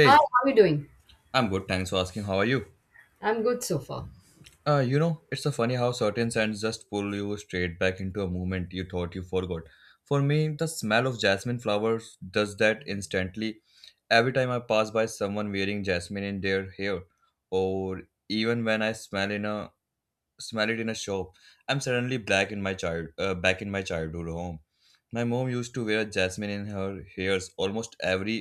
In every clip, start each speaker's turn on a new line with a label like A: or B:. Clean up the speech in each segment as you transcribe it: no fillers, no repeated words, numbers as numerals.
A: Hi, how are you doing?
B: I'm good. Thanks for asking. How are you?
A: I'm good so far.
B: It's so funny how certain scents just pull you straight back into a moment you thought you forgot. For me, the smell of jasmine flowers does that instantly. Every time I pass by someone wearing jasmine in their hair, or even when I smell it in a shop, I'm suddenly back in my childhood home. My mom used to wear jasmine in her hairs almost every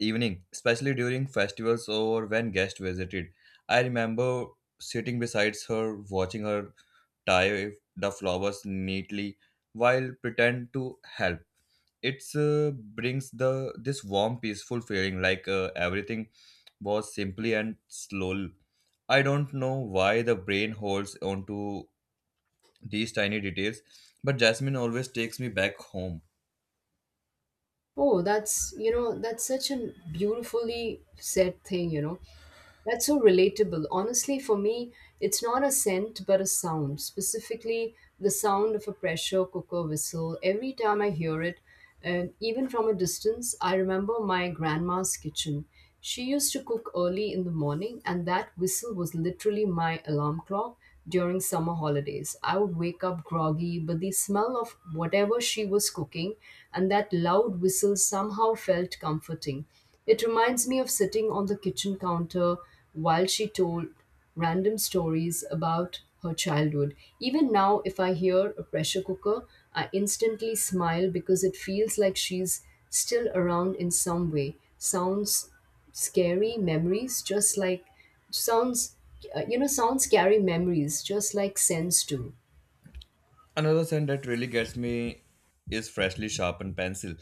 B: evening, especially during festivals or when guests visited. I remember sitting beside her, watching her tie the flowers neatly while pretend to help. It brings the this warm, peaceful feeling like everything was simply and slow. I don't know why the brain holds onto these tiny details, but Jasmine always takes me back home.
A: Oh, that's, that's such a beautifully said thing. That's so relatable. Honestly, for me, it's not a scent but a sound, specifically the sound of a pressure cooker whistle. Every time I hear it, and even from a distance, I remember my grandma's kitchen. She used to cook early in the morning, and that whistle was literally my alarm clock during summer holidays. I would wake up groggy, but the smell of whatever she was cooking and that loud whistle somehow felt comforting. It reminds me of sitting on the kitchen counter while she told random stories about her childhood. Even now, if I hear a pressure cooker, I instantly smile because it feels like she's still around in some way. Sounds scary memories, just like Sounds, sounds carry memories just like scents do.
B: Another scent that really gets me is freshly sharpened pencil.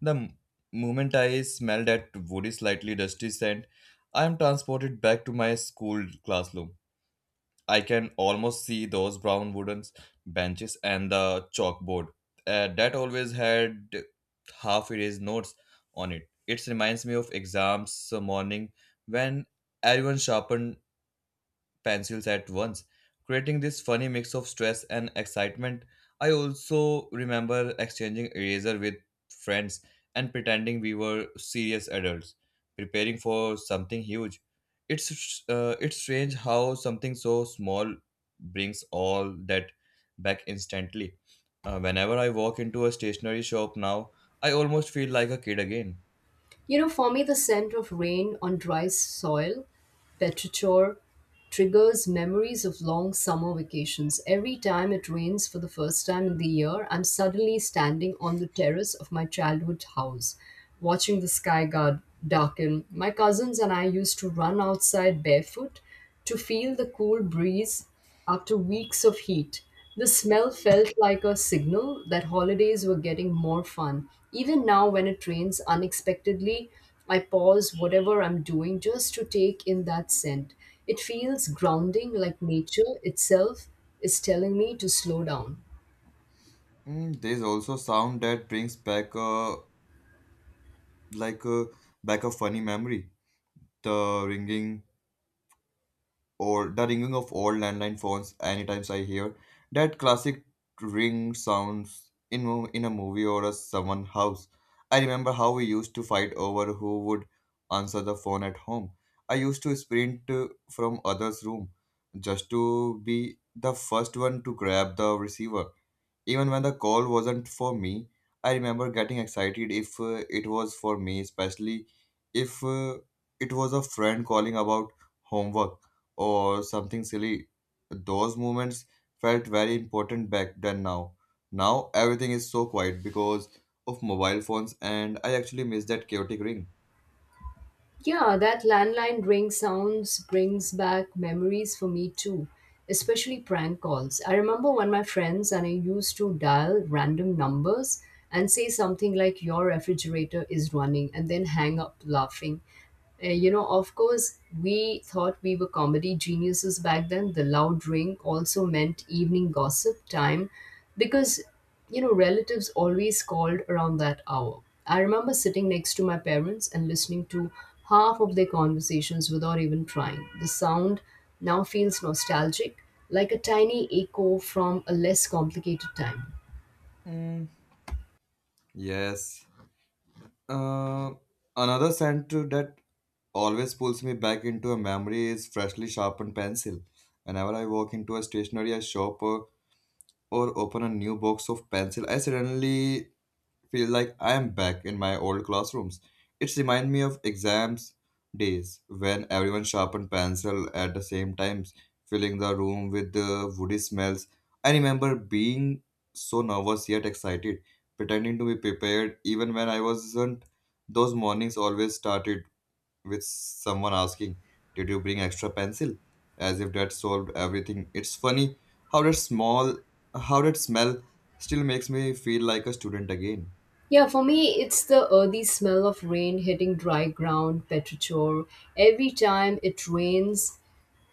B: The moment I smell that woody, slightly dusty scent, I am transported back to my school classroom. I can almost see those brown wooden benches and the chalkboard that always had half erased notes on it. It reminds me of exams morning when everyone sharpened pencils at once, creating this funny mix of stress and excitement. I also remember exchanging eraser with friends and pretending we were serious adults preparing for something huge. It's strange how something so small brings all that back instantly. Whenever I walk into a stationery shop now, I almost feel like a kid again.
A: You know, for me, the scent of rain on dry soil, petrichor, triggers memories of long summer vacations. Every time it rains for the first time in the year, I'm suddenly standing on the terrace of my childhood house, watching the sky guard darken. My cousins and I used to run outside barefoot to feel the cool breeze. After weeks of heat, the smell felt like a signal that holidays were getting more fun. Even now, when it rains unexpectedly, I pause whatever I'm doing just to take in that scent. It feels grounding, like nature itself is telling me to slow down.
B: Mm, there's also sound that brings back a like a back a funny memory. the ringing the ringing of old landline phones. Anytime I hear that classic ring sounds in a movie or a someone house, I remember how we used to fight over who would answer the phone at home. I used to sprint from others room just to be the first one to grab the receiver. Even when the call wasn't for me, I remember getting excited if it was for me, especially if it was a friend calling about homework or something silly. Those moments felt very important back then now. Now everything is so quiet because of mobile phones, and I actually miss that chaotic ring.
A: Yeah, that landline ring sounds brings back memories for me too, especially prank calls. I remember when my friends and I used to dial random numbers and say something like, "Your refrigerator is running," and then hang up laughing. You know, of course, we thought we were comedy geniuses back then. The loud ring also meant evening gossip time because, you know, relatives always called around that hour. I remember sitting next to my parents and listening to half of their conversations without even trying. The sound now feels nostalgic, like a tiny echo from a less complicated time.
B: Mm, yes. Uh, Another scent that always pulls me back into a memory is freshly sharpened pencil. Whenever I walk into a stationery shop or open a new box of pencil, I suddenly feel like I am back in my old classrooms. It reminds me of exams days when everyone sharpened pencil at the same times, filling the room with the woody smells. I remember being so nervous yet excited, pretending to be prepared even when I wasn't. Those mornings always started with someone asking, "Did you bring extra pencil?" As if that solved everything. It's funny how that small how that smell still makes me feel like a student again.
A: Yeah, for me, it's the earthy smell of rain hitting dry ground, petrichor. Every time it rains,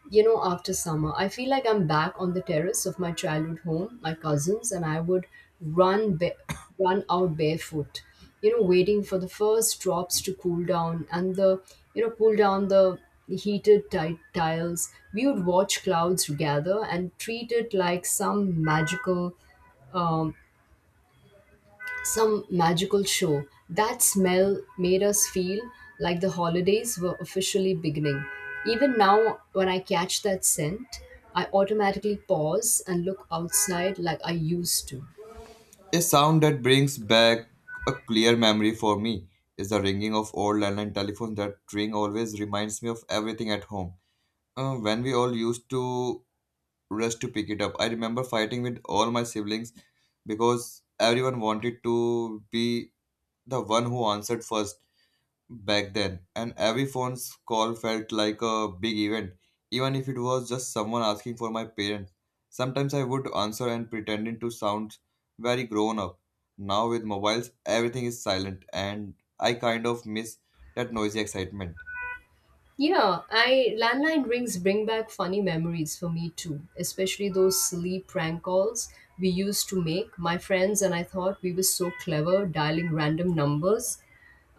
A: you know, after summer, I feel like I'm back on the terrace of my childhood home, my cousins, and I would run ba- run out barefoot, you know, waiting for the first drops to cool down and cool down the tiles. We would watch clouds gather and treat it like magical um, some magical show. That smell made us feel like the holidays were officially beginning. Even now, when I catch that scent, I automatically pause and look outside like I used to.
B: A sound that brings back a clear memory for me is the ringing of old landline telephones. That ring always reminds me of everything at home. When we all used to rush to pick it up, I remember fighting with all my siblings because everyone wanted to be the one who answered first back then, and every phone call felt like a big event, even if it was just someone asking for my parents. Sometimes I would answer and pretending to sound very grown up. Now with mobiles, everything is silent, and I kind of miss that noisy excitement.
A: Yeah, I landline rings bring back funny memories for me too, especially those silly prank calls we used to make. My friends and I thought we were so clever dialing random numbers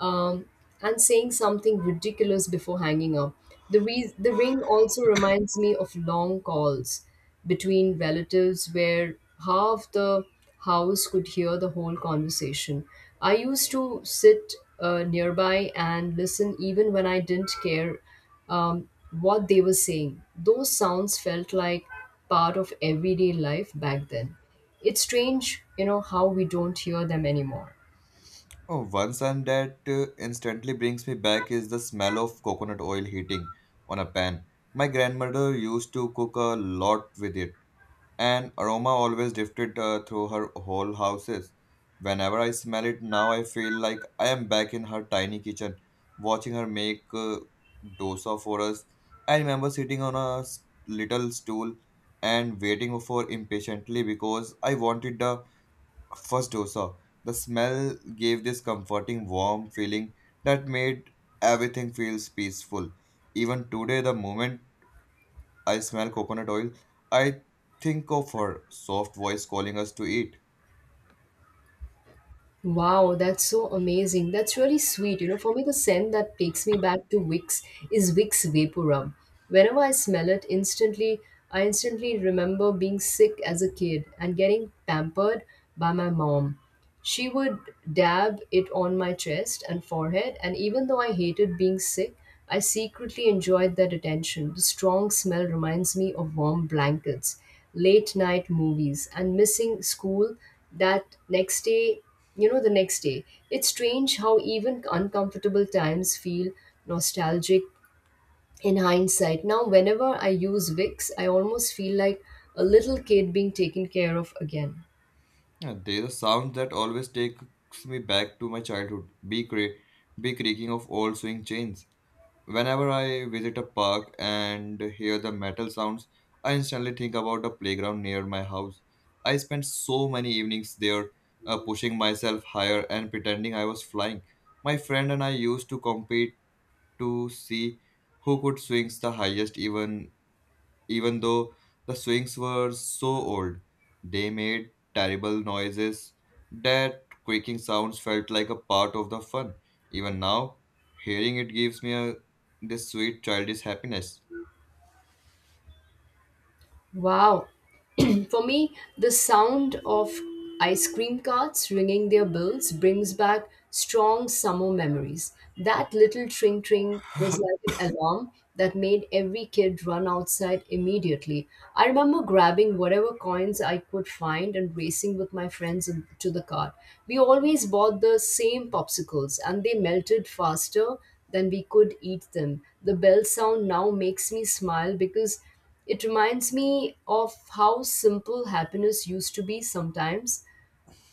A: um, and saying something ridiculous before hanging up. The ring also reminds me of long calls between relatives where half the house could hear the whole conversation. I used to sit nearby and listen even when I didn't care um, what they were saying. Those sounds felt like part of everyday life back then. It's strange, you know, how we don't hear them anymore.
B: Oh, one sound that instantly brings me back is the smell of coconut oil heating on a pan. My grandmother used to cook a lot with it. An aroma always drifted through her whole houses. Whenever I smell it now, I feel like I am back in her tiny kitchen, watching her make dosa for us. I remember sitting on little stool and waiting for impatiently because I wanted the first dosa. The smell gave this comforting, warm feeling that made everything feels peaceful. Even today, the moment I smell coconut oil, I think of her soft voice calling us to eat.
A: Wow, that's so amazing. That's really sweet. You know, for me, the scent that takes me back to Vicks is Vicks Vapor. Whenever I smell it, I instantly remember being sick as a kid and getting pampered by my mom. She would dab it on my chest and forehead, and even though I hated being sick, I secretly enjoyed that attention. The strong smell reminds me of warm blankets, late night movies, and missing school that next day you know, the next day. It's strange how even uncomfortable times feel nostalgic in hindsight. Now, whenever I use Vicks, I almost feel like a little kid being taken care of again.
B: Yeah, there's a sound that always takes me back to my childhood. Bee cra- bee creaking of old swing chains. Whenever I visit a park and hear the metal sounds, I instantly think about the playground near my house. I spent so many evenings there, pushing myself higher and pretending I was flying. My friend and I used to compete to see who could swing the highest. Even though the swings were so old, they made terrible noises. That creaking sounds felt like a part of the fun. Even now, hearing it gives me this sweet childish happiness.
A: Wow, for me, the sound of ice cream carts ringing their bells brings back strong summer memories. That little tring tring was like an alarm that made every kid run outside immediately. I remember grabbing whatever coins I could find and racing with my friends to the cart. We always bought the same popsicles and they melted faster than we could eat them. The bell sound now makes me smile because it reminds me of how simple happiness used to be sometimes.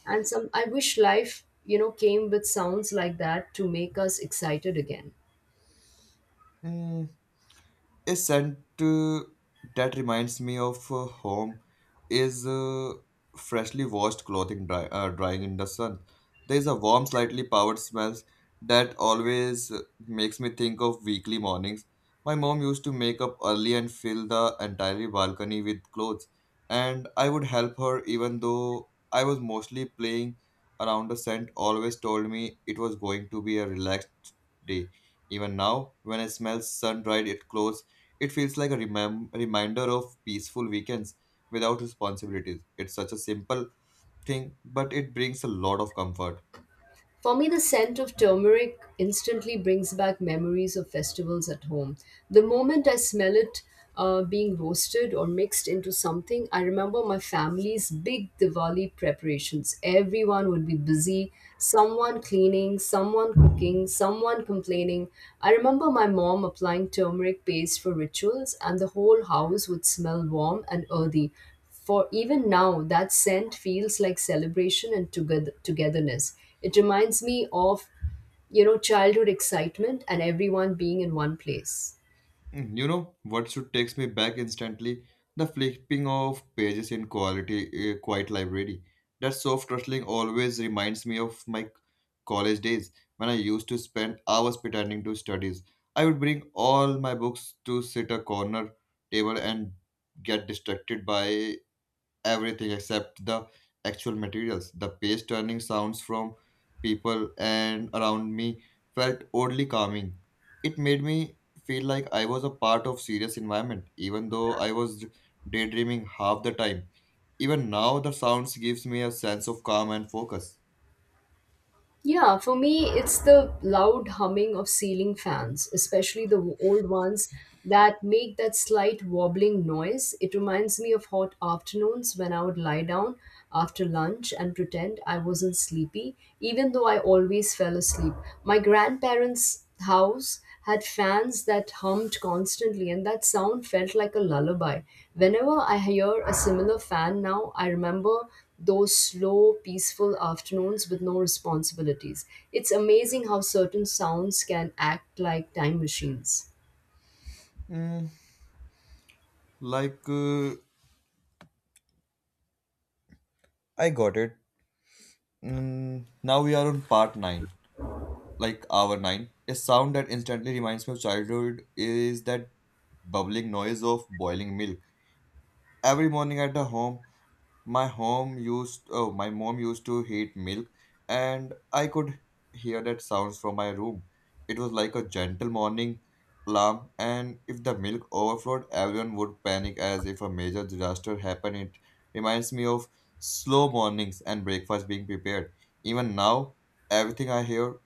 A: And some I wish life, you know, came with sounds like that to make us excited again.
B: Mm, a scent that reminds me of home is freshly washed clothing drying in the sun. There is a warm, slightly powered smell that always makes me think of weekly mornings. My mom used to make up early and fill the entire balcony with clothes, and I would help her even though I was mostly playing around. The scent always told me it was going to be a relaxed day. Even now, when I smell sun dried it clothes, it feels like a reminder of peaceful weekends without responsibilities. It's such a simple thing, but it brings a lot of comfort.
A: For me, the scent of turmeric instantly brings back memories of festivals at home. The moment I smell it being roasted or mixed into something, I remember my family's big Diwali preparations. Everyone would be busy, someone cleaning, someone cooking, someone complaining. I remember my mom applying turmeric paste for rituals, and the whole house would smell warm and earthy for even now, that scent feels like celebration and togetherness. It reminds me of, you know, childhood excitement and everyone being in one place.
B: Mm, you know what should takes me back instantly? The flipping of pages in quiet library. That soft rustling always reminds me of my college days when I used to spend hours pretending to studies. I would bring all my books to sit a corner table and get distracted by everything except the actual materials. The page turning sounds from people and around me felt oddly calming. It made me feel like I was a part of serious environment, even though I was daydreaming half the time. Even now, the sounds gives me a sense of calm and focus.
A: Yeah, for me, it's the loud humming of ceiling fans, especially the old ones that make that slight wobbling noise. It reminds me of hot afternoons when I would lie down after lunch and pretend I wasn't sleepy, even though I always fell asleep. My grandparents' house had fans that hummed constantly, and that sound felt like a lullaby. Whenever I hear a similar fan now, I remember those slow, peaceful afternoons with no responsibilities. It's amazing how certain sounds can act like time machines.
B: Mm, like I got it. Mm, now we are on part nine. Like hour 9, a sound that instantly reminds me of childhood is that bubbling noise of boiling milk every morning at the home. My my mom used to heat milk, and I could hear that sounds from my room. It was like a gentle morning alarm, and if the milk overflowed, everyone would panic as if a major disaster happened. It reminds me of slow mornings and breakfast being prepared. Even now, everything I hear,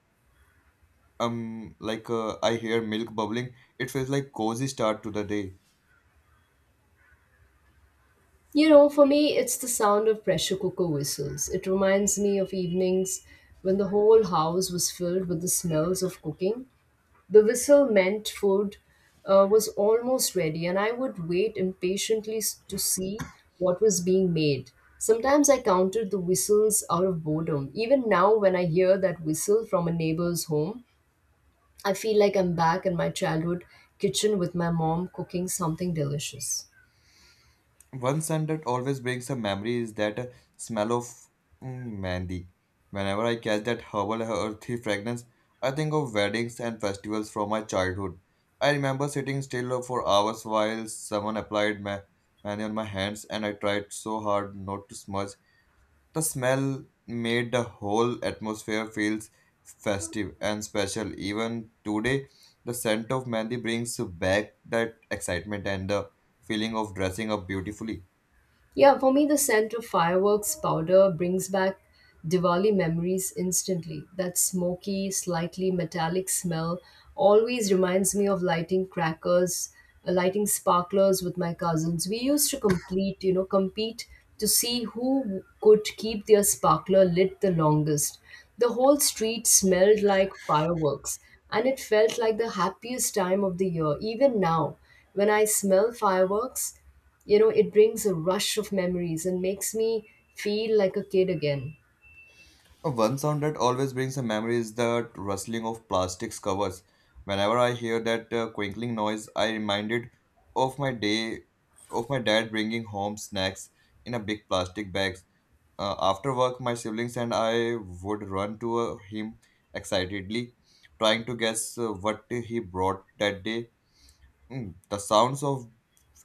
B: I hear milk bubbling, it feels like cozy start to the day.
A: You know, for me, it's the sound of pressure cooker whistles. It reminds me of evenings when the whole house was filled with the smells of cooking. The whistle meant food was almost ready, and I would wait impatiently to see what was being made. Sometimes I counted the whistles out of boredom. Even now, when I hear that whistle from a neighbor's home, I feel like I'm back in my childhood kitchen with my mom cooking something delicious.
B: One scent that always brings a memory is that smell of mandy. Whenever I catch that herbal earthy fragrance, I think of weddings and festivals from my childhood. I remember sitting still for hours while someone applied mandy on my hands, and I tried so hard not to smudge. The smell made the whole atmosphere feels festive and special. Even today, the scent of mehndi brings back that excitement and the feeling of dressing up beautifully.
A: Yeah, for me, the scent of fireworks powder brings back Diwali memories instantly. That smoky, slightly metallic smell always reminds me of lighting crackers, lighting sparklers with my cousins. We used to compete to see who could keep their sparkler lit the longest. The whole street smelled like fireworks, and it felt like the happiest time of the year. Even now, when I smell fireworks, you know, it brings a rush of memories and makes me feel like a kid again.
B: One sound that always brings a memory is the rustling of plastics covers. Whenever I hear that crinkling noise, I reminded of my day of my dad bringing home snacks in a big plastic bag. After work, my siblings and I would run to him excitedly, trying to guess what he brought that day. Mm, the sounds of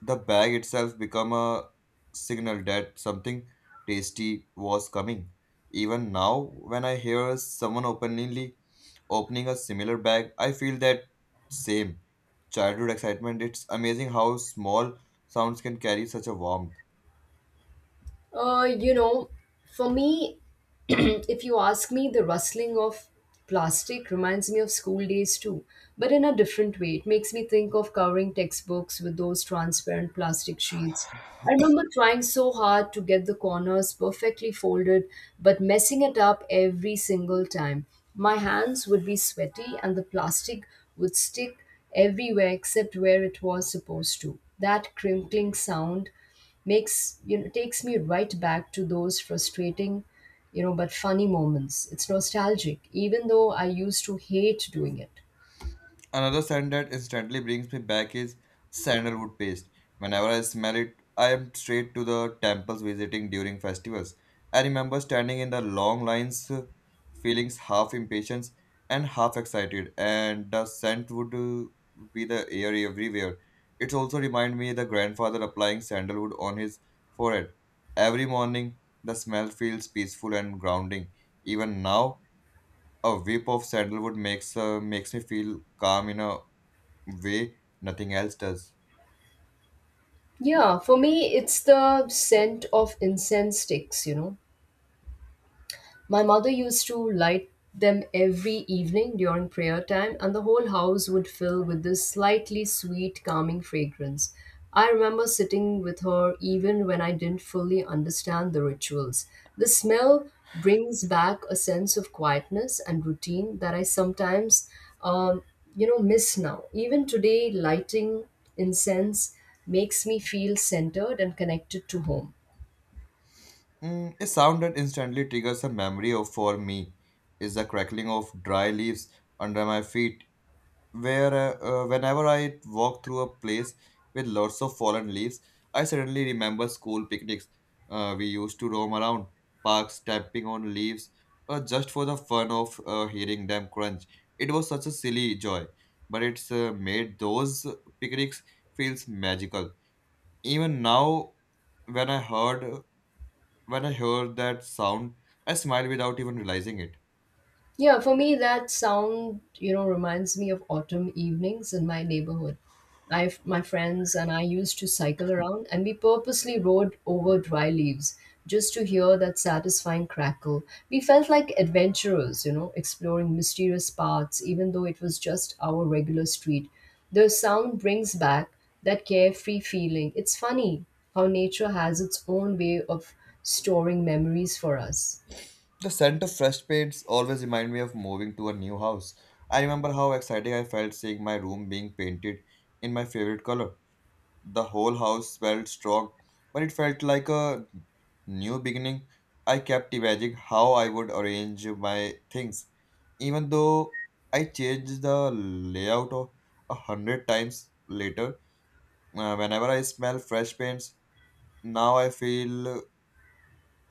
B: the bag itself become a signal that something tasty was coming. Even now, when I hear someone openly opening a similar bag, I feel that same childhood excitement. It's amazing how small sounds can carry such a warmth.
A: You know, for me, if you ask me, the rustling of plastic reminds me of school days too, but in a different way. It makes me think of covering textbooks with those transparent plastic sheets. I remember trying so hard to get the corners perfectly folded, but messing it up every single time. My hands would be sweaty and the plastic would stick everywhere except where it was supposed to. That crinkling sound makes you know takes me right back to those frustrating you know but funny moments. It's nostalgic even though I used to hate doing it.
B: Another scent that instantly brings me back is sandalwood paste. Whenever I smell it, I am straight to the temples visiting during festivals. I remember standing in the long lines, feelings half impatient and half excited, and the scent would be the air everywhere. It also reminded me the grandfather applying sandalwood on his forehead. Every morning, the smell feels peaceful and grounding. Even now, a whip of sandalwood makes me feel calm in a way nothing else does.
A: Yeah, for me, it's the scent of incense sticks, you know. My mother used to light them every evening during prayer time, and the whole house would fill with this slightly sweet, calming fragrance. I remember sitting with her even when I didn't fully understand the rituals. The smell brings back a sense of quietness and routine that I um, miss now. Even today, lighting incense makes me feel centered and connected to home.
B: Mm, a sound that instantly triggers a memory of for me is the crackling of dry leaves under my feet. Where Whenever I walk through a place with lots of fallen leaves, I suddenly remember school picnics. We used to roam around parks, tapping on leaves, just for the fun of hearing them crunch. It was such a silly joy, but it's made those picnics feels magical even now when i heard when I heard that sound, I smile without even realizing it.
A: Yeah, for me, that sound, you know, reminds me of autumn evenings in my neighborhood. My friends and I used to cycle around and we purposely rode over dry leaves just to hear that satisfying crackle. We felt like adventurers, you know, exploring mysterious paths, even though it was just our regular street. The sound brings back that carefree feeling. It's funny how nature has its own way of storing memories for us.
B: The scent of fresh paints always remind me of moving to a new house. I remember how excited I felt seeing my room being painted in my favorite color. The whole house smelled strong, but it felt like a new beginning. I kept imagining how I would arrange my things, even though I changed the layout of- 100 times later. Whenever I smell fresh paints, now I feel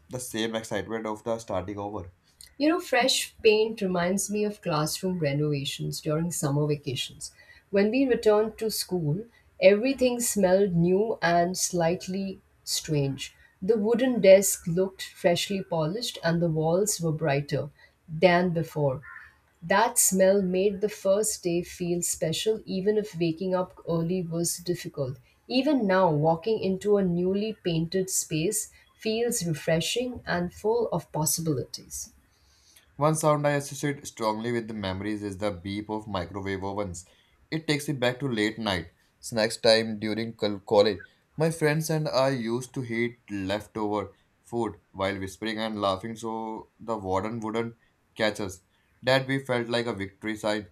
B: the same excitement of the starting over.
A: You know, fresh paint reminds me of classroom renovations during summer vacations. When we returned to school, everything smelled new and slightly strange. The wooden desk looked freshly polished and the walls were brighter than before. That smell made the first day feel special, even if waking up early was difficult. Even now, walking into a newly painted space feels refreshing and full of possibilities.
B: One sound I associate strongly with the memories is the beep of microwave ovens. It takes me back to late night snacks time during college. My friends and I used to heat leftover food while whispering and laughing so the warden wouldn't catch us. That we felt like a victory sign,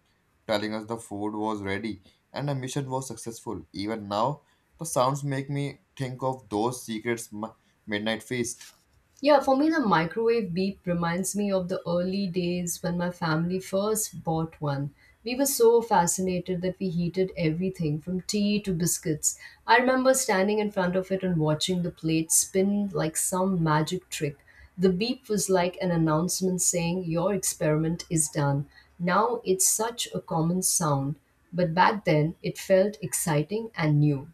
B: telling us the food was ready and the mission was successful. Even now, the sounds make me think of those secrets midnight feast.
A: Yeah, for me, the microwave beep reminds me of the early days when my family first bought one. We were so fascinated that we heated everything from tea to biscuits. I remember standing in front of it and watching the plate spin like some magic trick. The beep was like an announcement saying, "Your experiment is done." Now it's such a common sound, but back then it felt exciting and new.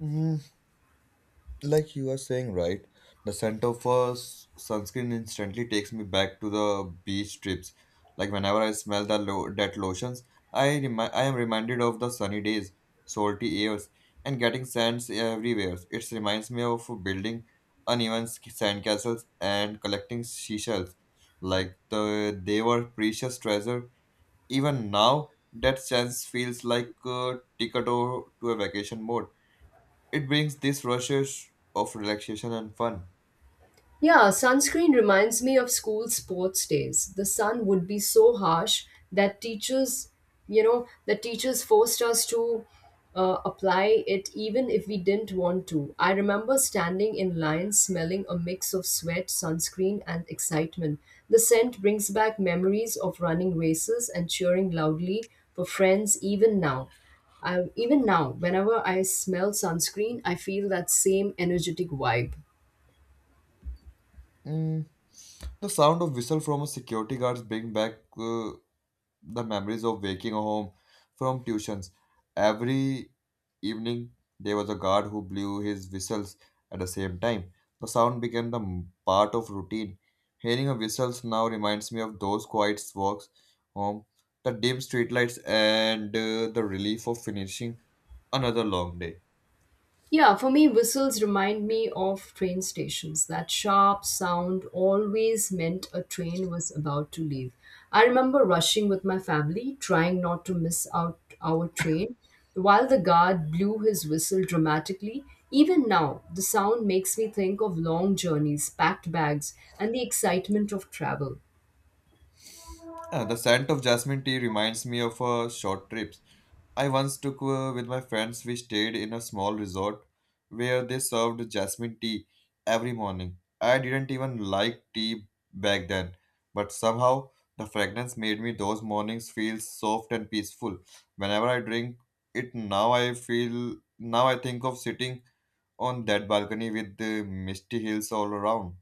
B: Mm-hmm. Like you are saying, right, the scent of sunscreen instantly takes me back to the beach trips. Like, whenever I smell that lotions, I am reminded of the sunny days, salty airs, and getting sands everywhere. It reminds me of building uneven sand castles and collecting seashells like the they were precious treasure. Even now that chance feels like a ticket to a vacation mode. It brings these rushes of relaxation and fun.
A: Yeah, sunscreen reminds me of school sports days. The sun would be so harsh that teachers, that teachers forced us to apply it even if we didn't want to. I remember standing in line smelling a mix of sweat, sunscreen, and excitement. The scent brings back memories of running races and cheering loudly for friends even now. Even now, whenever I smell sunscreen, I feel that same energetic vibe.
B: Mm, the sound of whistle from a security guards bring back the memories of waking home from tuitions. Every evening there was a guard who blew his whistles at the same time. The sound became the part of routine. Hearing a whistles now reminds me of those quiet walks home, the dim streetlights, and the relief of finishing another long day.
A: Yeah, for me, whistles remind me of train stations. That sharp sound always meant a train was about to leave. I remember rushing with my family, trying not to miss out our train. While the guard blew his whistle dramatically, even now, the sound makes me think of long journeys, packed bags, and the excitement of travel.
B: Yeah, the scent of jasmine tea reminds me of short trips I once took with my friends. We stayed in a small resort where they served jasmine tea every morning. I didn't even like tea back then, but somehow the fragrance made me those mornings feel soft and peaceful. Whenever I drink it now, I feel now I think of sitting on that balcony with the misty hills all around.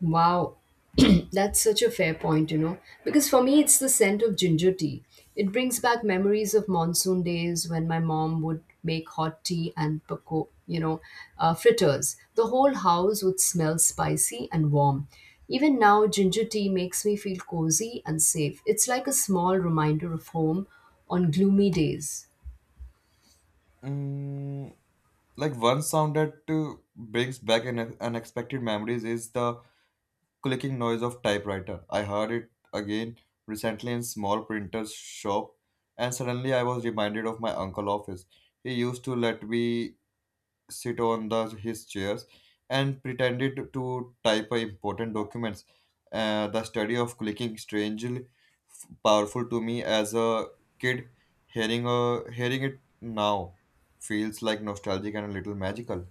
A: Wow, that's such a fair point, you know, because for me it's the scent of ginger tea. It brings back memories of monsoon days when my mom would make hot tea and paco, fritters. The whole house would smell spicy and warm. Even now, ginger tea makes me feel cozy and safe. It's like a small reminder of home on gloomy days.
B: Mm, like one sound that brings back an unexpected memories is the clicking noise of typewriter. I heard it again recently in small printer's shop, and suddenly I was reminded of my uncle office. He used to let me sit on the his chairs and pretended to type important documents. The study of clicking strangely powerful to me as a kid. Hearing it now feels like nostalgic and a little magical.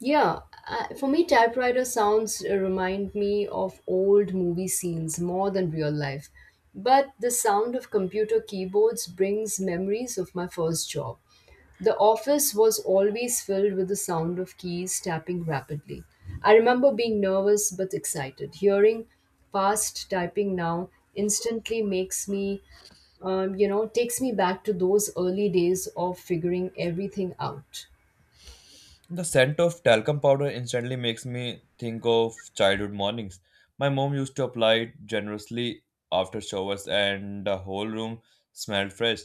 A: Yeah, for me, typewriter sounds remind me of old movie scenes more than real life. But the sound of computer keyboards brings memories of my first job. The office was always filled with the sound of keys tapping rapidly. I remember being nervous but excited. Hearing fast typing now instantly makes me, you know, takes me back to those early days of figuring everything out.
B: The scent of talcum powder instantly makes me think of childhood mornings. My mom used to apply it generously after showers, and the whole room smelled fresh.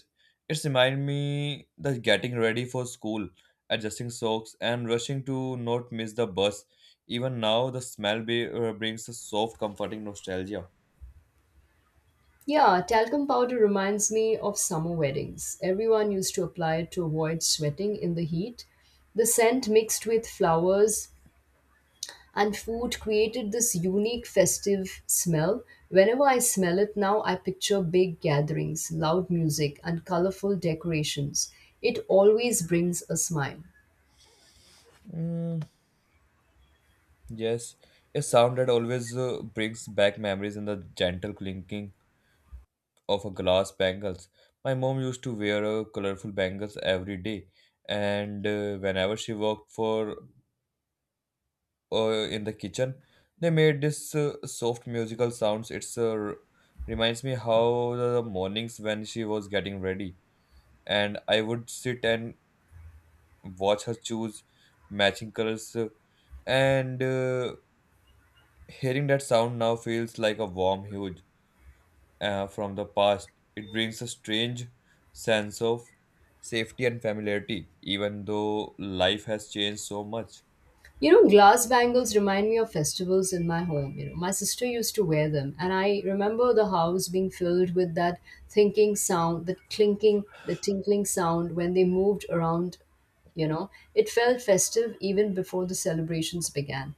B: It reminded me that getting ready for school, adjusting socks, and rushing to not miss the bus. Even now, the smell brings a soft, comforting nostalgia.
A: Yeah, talcum powder reminds me of summer weddings. Everyone used to apply it to avoid sweating in the heat. The scent mixed with flowers and food created this unique festive smell. Whenever I smell it now, I picture big gatherings, loud music, and colorful decorations. It always brings a smile.
B: Mm, yes, a sound that always brings back memories in the gentle clinking of a glass bangles. My mom used to wear a colorful bangles every day, and whenever she worked for in the kitchen, they made this soft musical sounds. It's r- reminds me how the mornings when she was getting ready, and I would sit and watch her choose matching colors, and hearing that sound now feels like a warm huge from the past. It brings a strange sense of safety and familiarity, even though life has changed so much.
A: You know, glass bangles remind me of festivals in my home. You know, my sister used to wear them, and I remember the house being filled with that thinking sound, that clinking, the tinkling sound when they moved around. You know, it felt festive even before the celebrations began.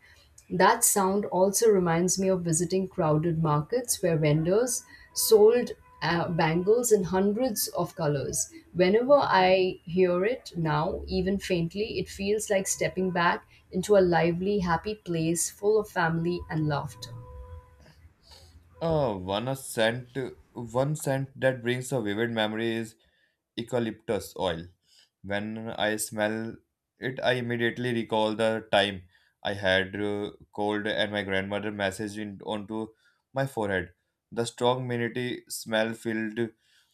A: That sound also reminds me of visiting crowded markets where vendors sold bangles in hundreds of colors. Whenever I hear it now, even faintly, it feels like stepping back into a lively, happy place full of family and laughter.
B: Uh, one a scent, one scent that brings a vivid memory is eucalyptus oil. When I smell it, I immediately recall the time I had cold and my grandmother massaged it onto my forehead. The strong minty smell filled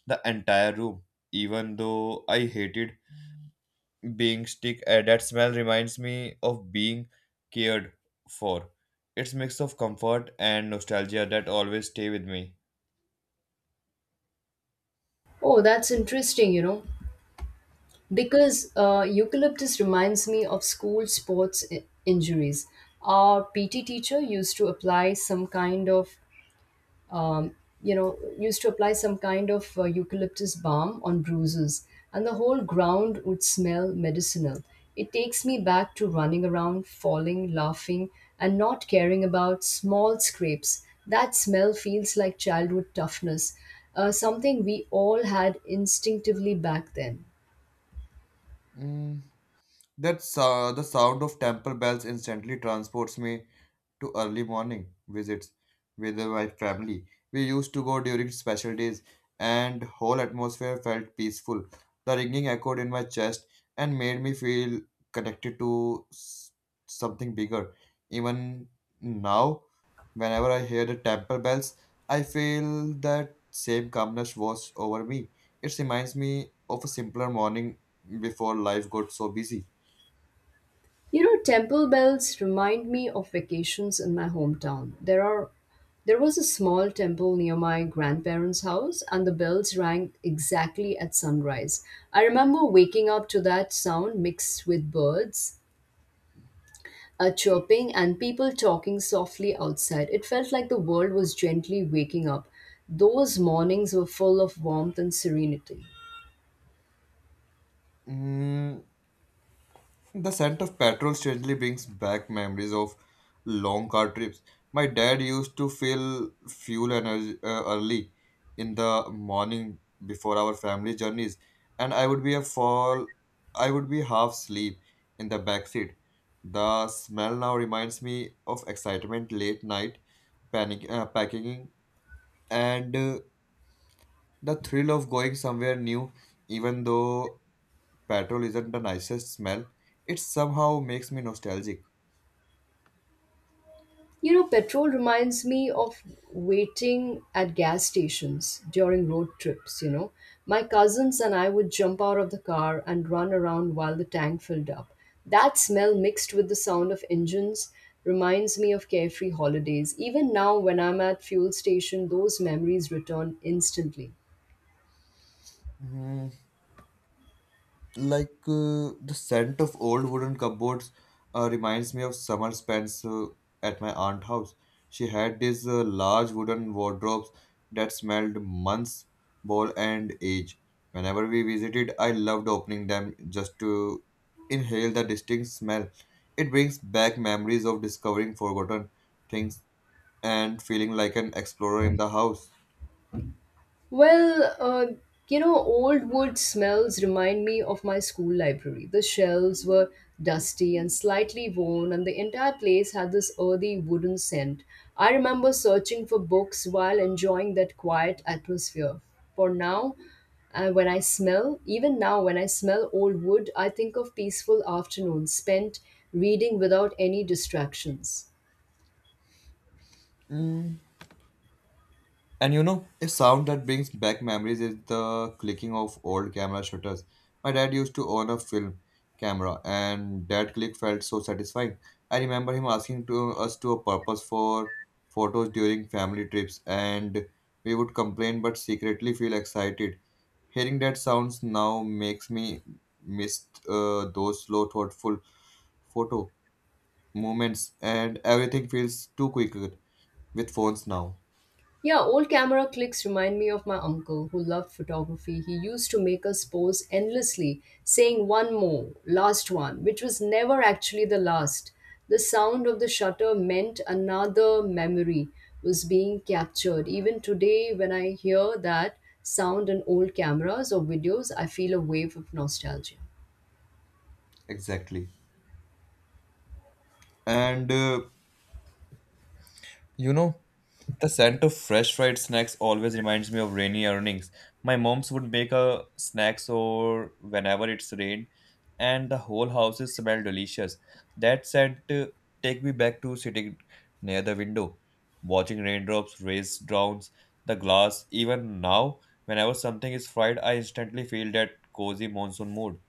B: the entire room, even though I hated being stick that smell reminds me of being cared for. It's mix of comfort and nostalgia that always stay with me.
A: Oh, that's interesting, you know, because eucalyptus reminds me of school sports injuries. Our PT teacher used to apply some kind of um, you know, used to apply some kind of eucalyptus balm on bruises, and the whole ground would smell medicinal. It takes me back to running around, falling, laughing, and not caring about small scrapes. That smell feels like childhood toughness, something we all had instinctively back then.
B: That the sound of temple bells instantly transports me to early morning visits with my family. We used to go during special days, and whole atmosphere felt peaceful. The ringing echoed in my chest and made me feel connected to something bigger. Even now, whenever I hear the temple bells, I feel that same calmness wash over me. It reminds me of a simpler morning before life got so busy.
A: You know, temple bells remind me of vacations in my hometown. There are there was a small temple near my grandparents' house and the bells rang exactly at sunrise. I remember waking up to that sound mixed with birds, a chirping and people talking softly outside. It felt like the world was gently waking up. Those mornings were full of warmth and serenity.
B: Mm, the scent of petrol strangely brings back memories of long car trips. My dad used to fill fuel energy early in the morning before our family journeys, and I would be a fall. I would be half asleep in the back seat. The smell now reminds me of excitement, late night panic packing, and the thrill of going somewhere new, even though petrol isn't the nicest smell, it somehow makes me nostalgic.
A: You know, petrol reminds me of waiting at gas stations during road trips, you know. My cousins and I would jump out of the car and run around while the tank filled up. That smell mixed with the sound of engines reminds me of carefree holidays. Even now when I'm at fuel station, those memories return instantly.
B: Mm, like the scent of old wooden cupboards reminds me of summer spends at my aunt's house. She had these large wooden wardrobes that smelled months, bowl, and age. Whenever we visited, I loved opening them just to inhale the distinct smell. It brings back memories of discovering forgotten things and feeling like an explorer in the house.
A: Well, uh, Old wood smells remind me of my school library. The shelves were dusty and slightly worn, and the entire place had this earthy wooden scent. I remember searching for books while enjoying that quiet atmosphere. For now, when I smell, Even now when I smell old wood, I think of peaceful afternoons spent reading without any distractions.
B: And you know, a sound that brings back memories is the clicking of old camera shutters. My dad used to own a film camera, and that click felt so satisfying. I remember him asking to us to a purpose for photos during family trips, and we would complain but secretly feel excited. Hearing that sounds now makes me miss those slow, thoughtful photo moments, and everything feels too quick with phones now.
A: Yeah, old camera clicks remind me of my uncle who loved photography. He used to make us pose endlessly, saying one more, last one, which was never actually the last. The sound of the shutter meant another memory was being captured. Even today, when I hear that sound in old cameras or videos, I feel a wave of nostalgia.
B: Exactly. And you know, the scent of fresh fried snacks always reminds me of rainy evenings. My mom's would make a snacks or whenever it's rained, and the whole house is smell delicious. That scent take me back to sitting near the window, watching raindrops race drowns the glass. Even now, whenever something is fried, I instantly feel that cozy monsoon mood.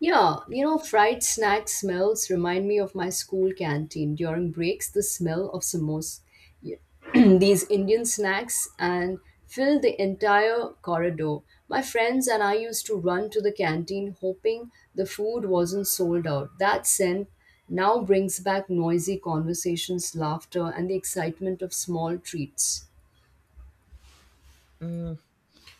A: Yeah, you know, fried snack smells remind me of my school canteen. During breaks, the smell of samosas, these Indian snacks, and fill the entire corridor. My friends and I used to run to the canteen hoping the food wasn't sold out. That scent now brings back noisy conversations, laughter, and the excitement of small treats.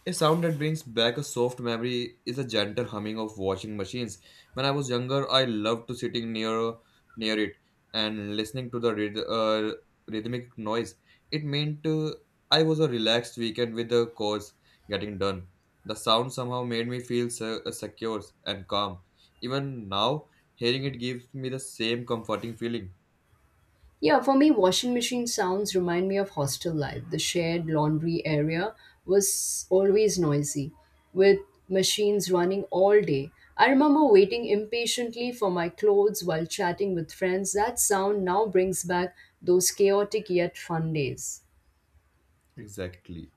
B: A sound that brings back a soft memory is the gentle humming of washing machines. When I was younger, I loved to sitting near it and listening to the rhythmic noise. It meant I was a relaxed weekend with the chores getting done. The sound somehow made me feel secure and calm. Even now, hearing it gives me the same comforting feeling.
A: Yeah, for me, washing machine sounds remind me of hostel life. The shared laundry area was always noisy, with machines running all day. I remember waiting impatiently for my clothes while chatting with friends. That sound now brings back those chaotic yet fun days.
B: Exactly.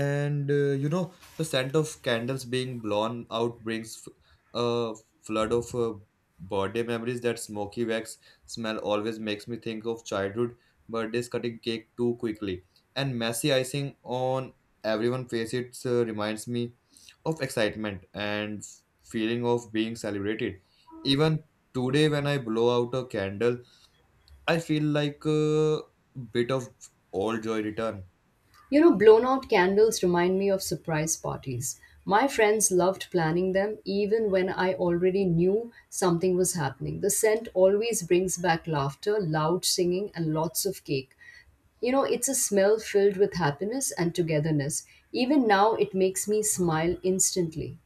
B: And you know, the scent of candles being blown out brings a flood of birthday memories. That smoky wax smell always makes me think of childhood birthdays, cutting cake too quickly and messy icing on everyone's face. It reminds me of excitement and feeling of being celebrated. Even today when I blow out a candle, I feel like a bit of old joy return.
A: You know, blown out candles remind me of surprise parties. My friends loved planning them even when I already knew something was happening. The scent always brings back laughter, loud singing, and lots of cake. You know, it's a smell filled with happiness and togetherness. Even now, it makes me smile instantly.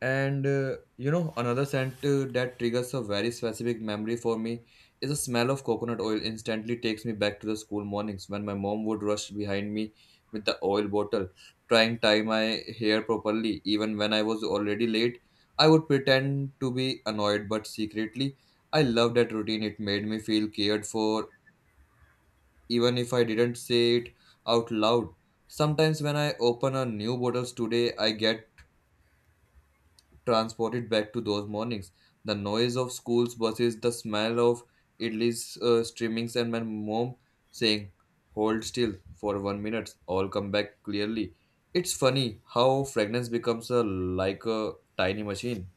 B: And you know, another scent that triggers a very specific memory for me is the smell of coconut oil instantly takes me back to the school mornings when my mom would rush behind me with the oil bottle, trying tie my hair properly. Even when I was already late, I would pretend to be annoyed, but secretly, I loved that routine. It made me feel cared for, even if I didn't say it out loud. Sometimes when I open a new bottles today, I get transported back to those mornings. The noise of school's buses, the smell of idlis streamings, and my mom saying, "Hold still for one minute," all come back clearly. It's funny how fragrance becomes a, like a tiny machine.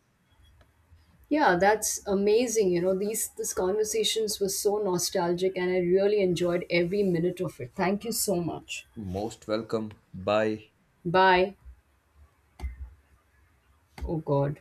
A: Yeah, that's amazing. You know, these conversations were so nostalgic and I really enjoyed every minute of it. Thank you so much.
B: Most welcome. Bye.
A: Bye. Oh God.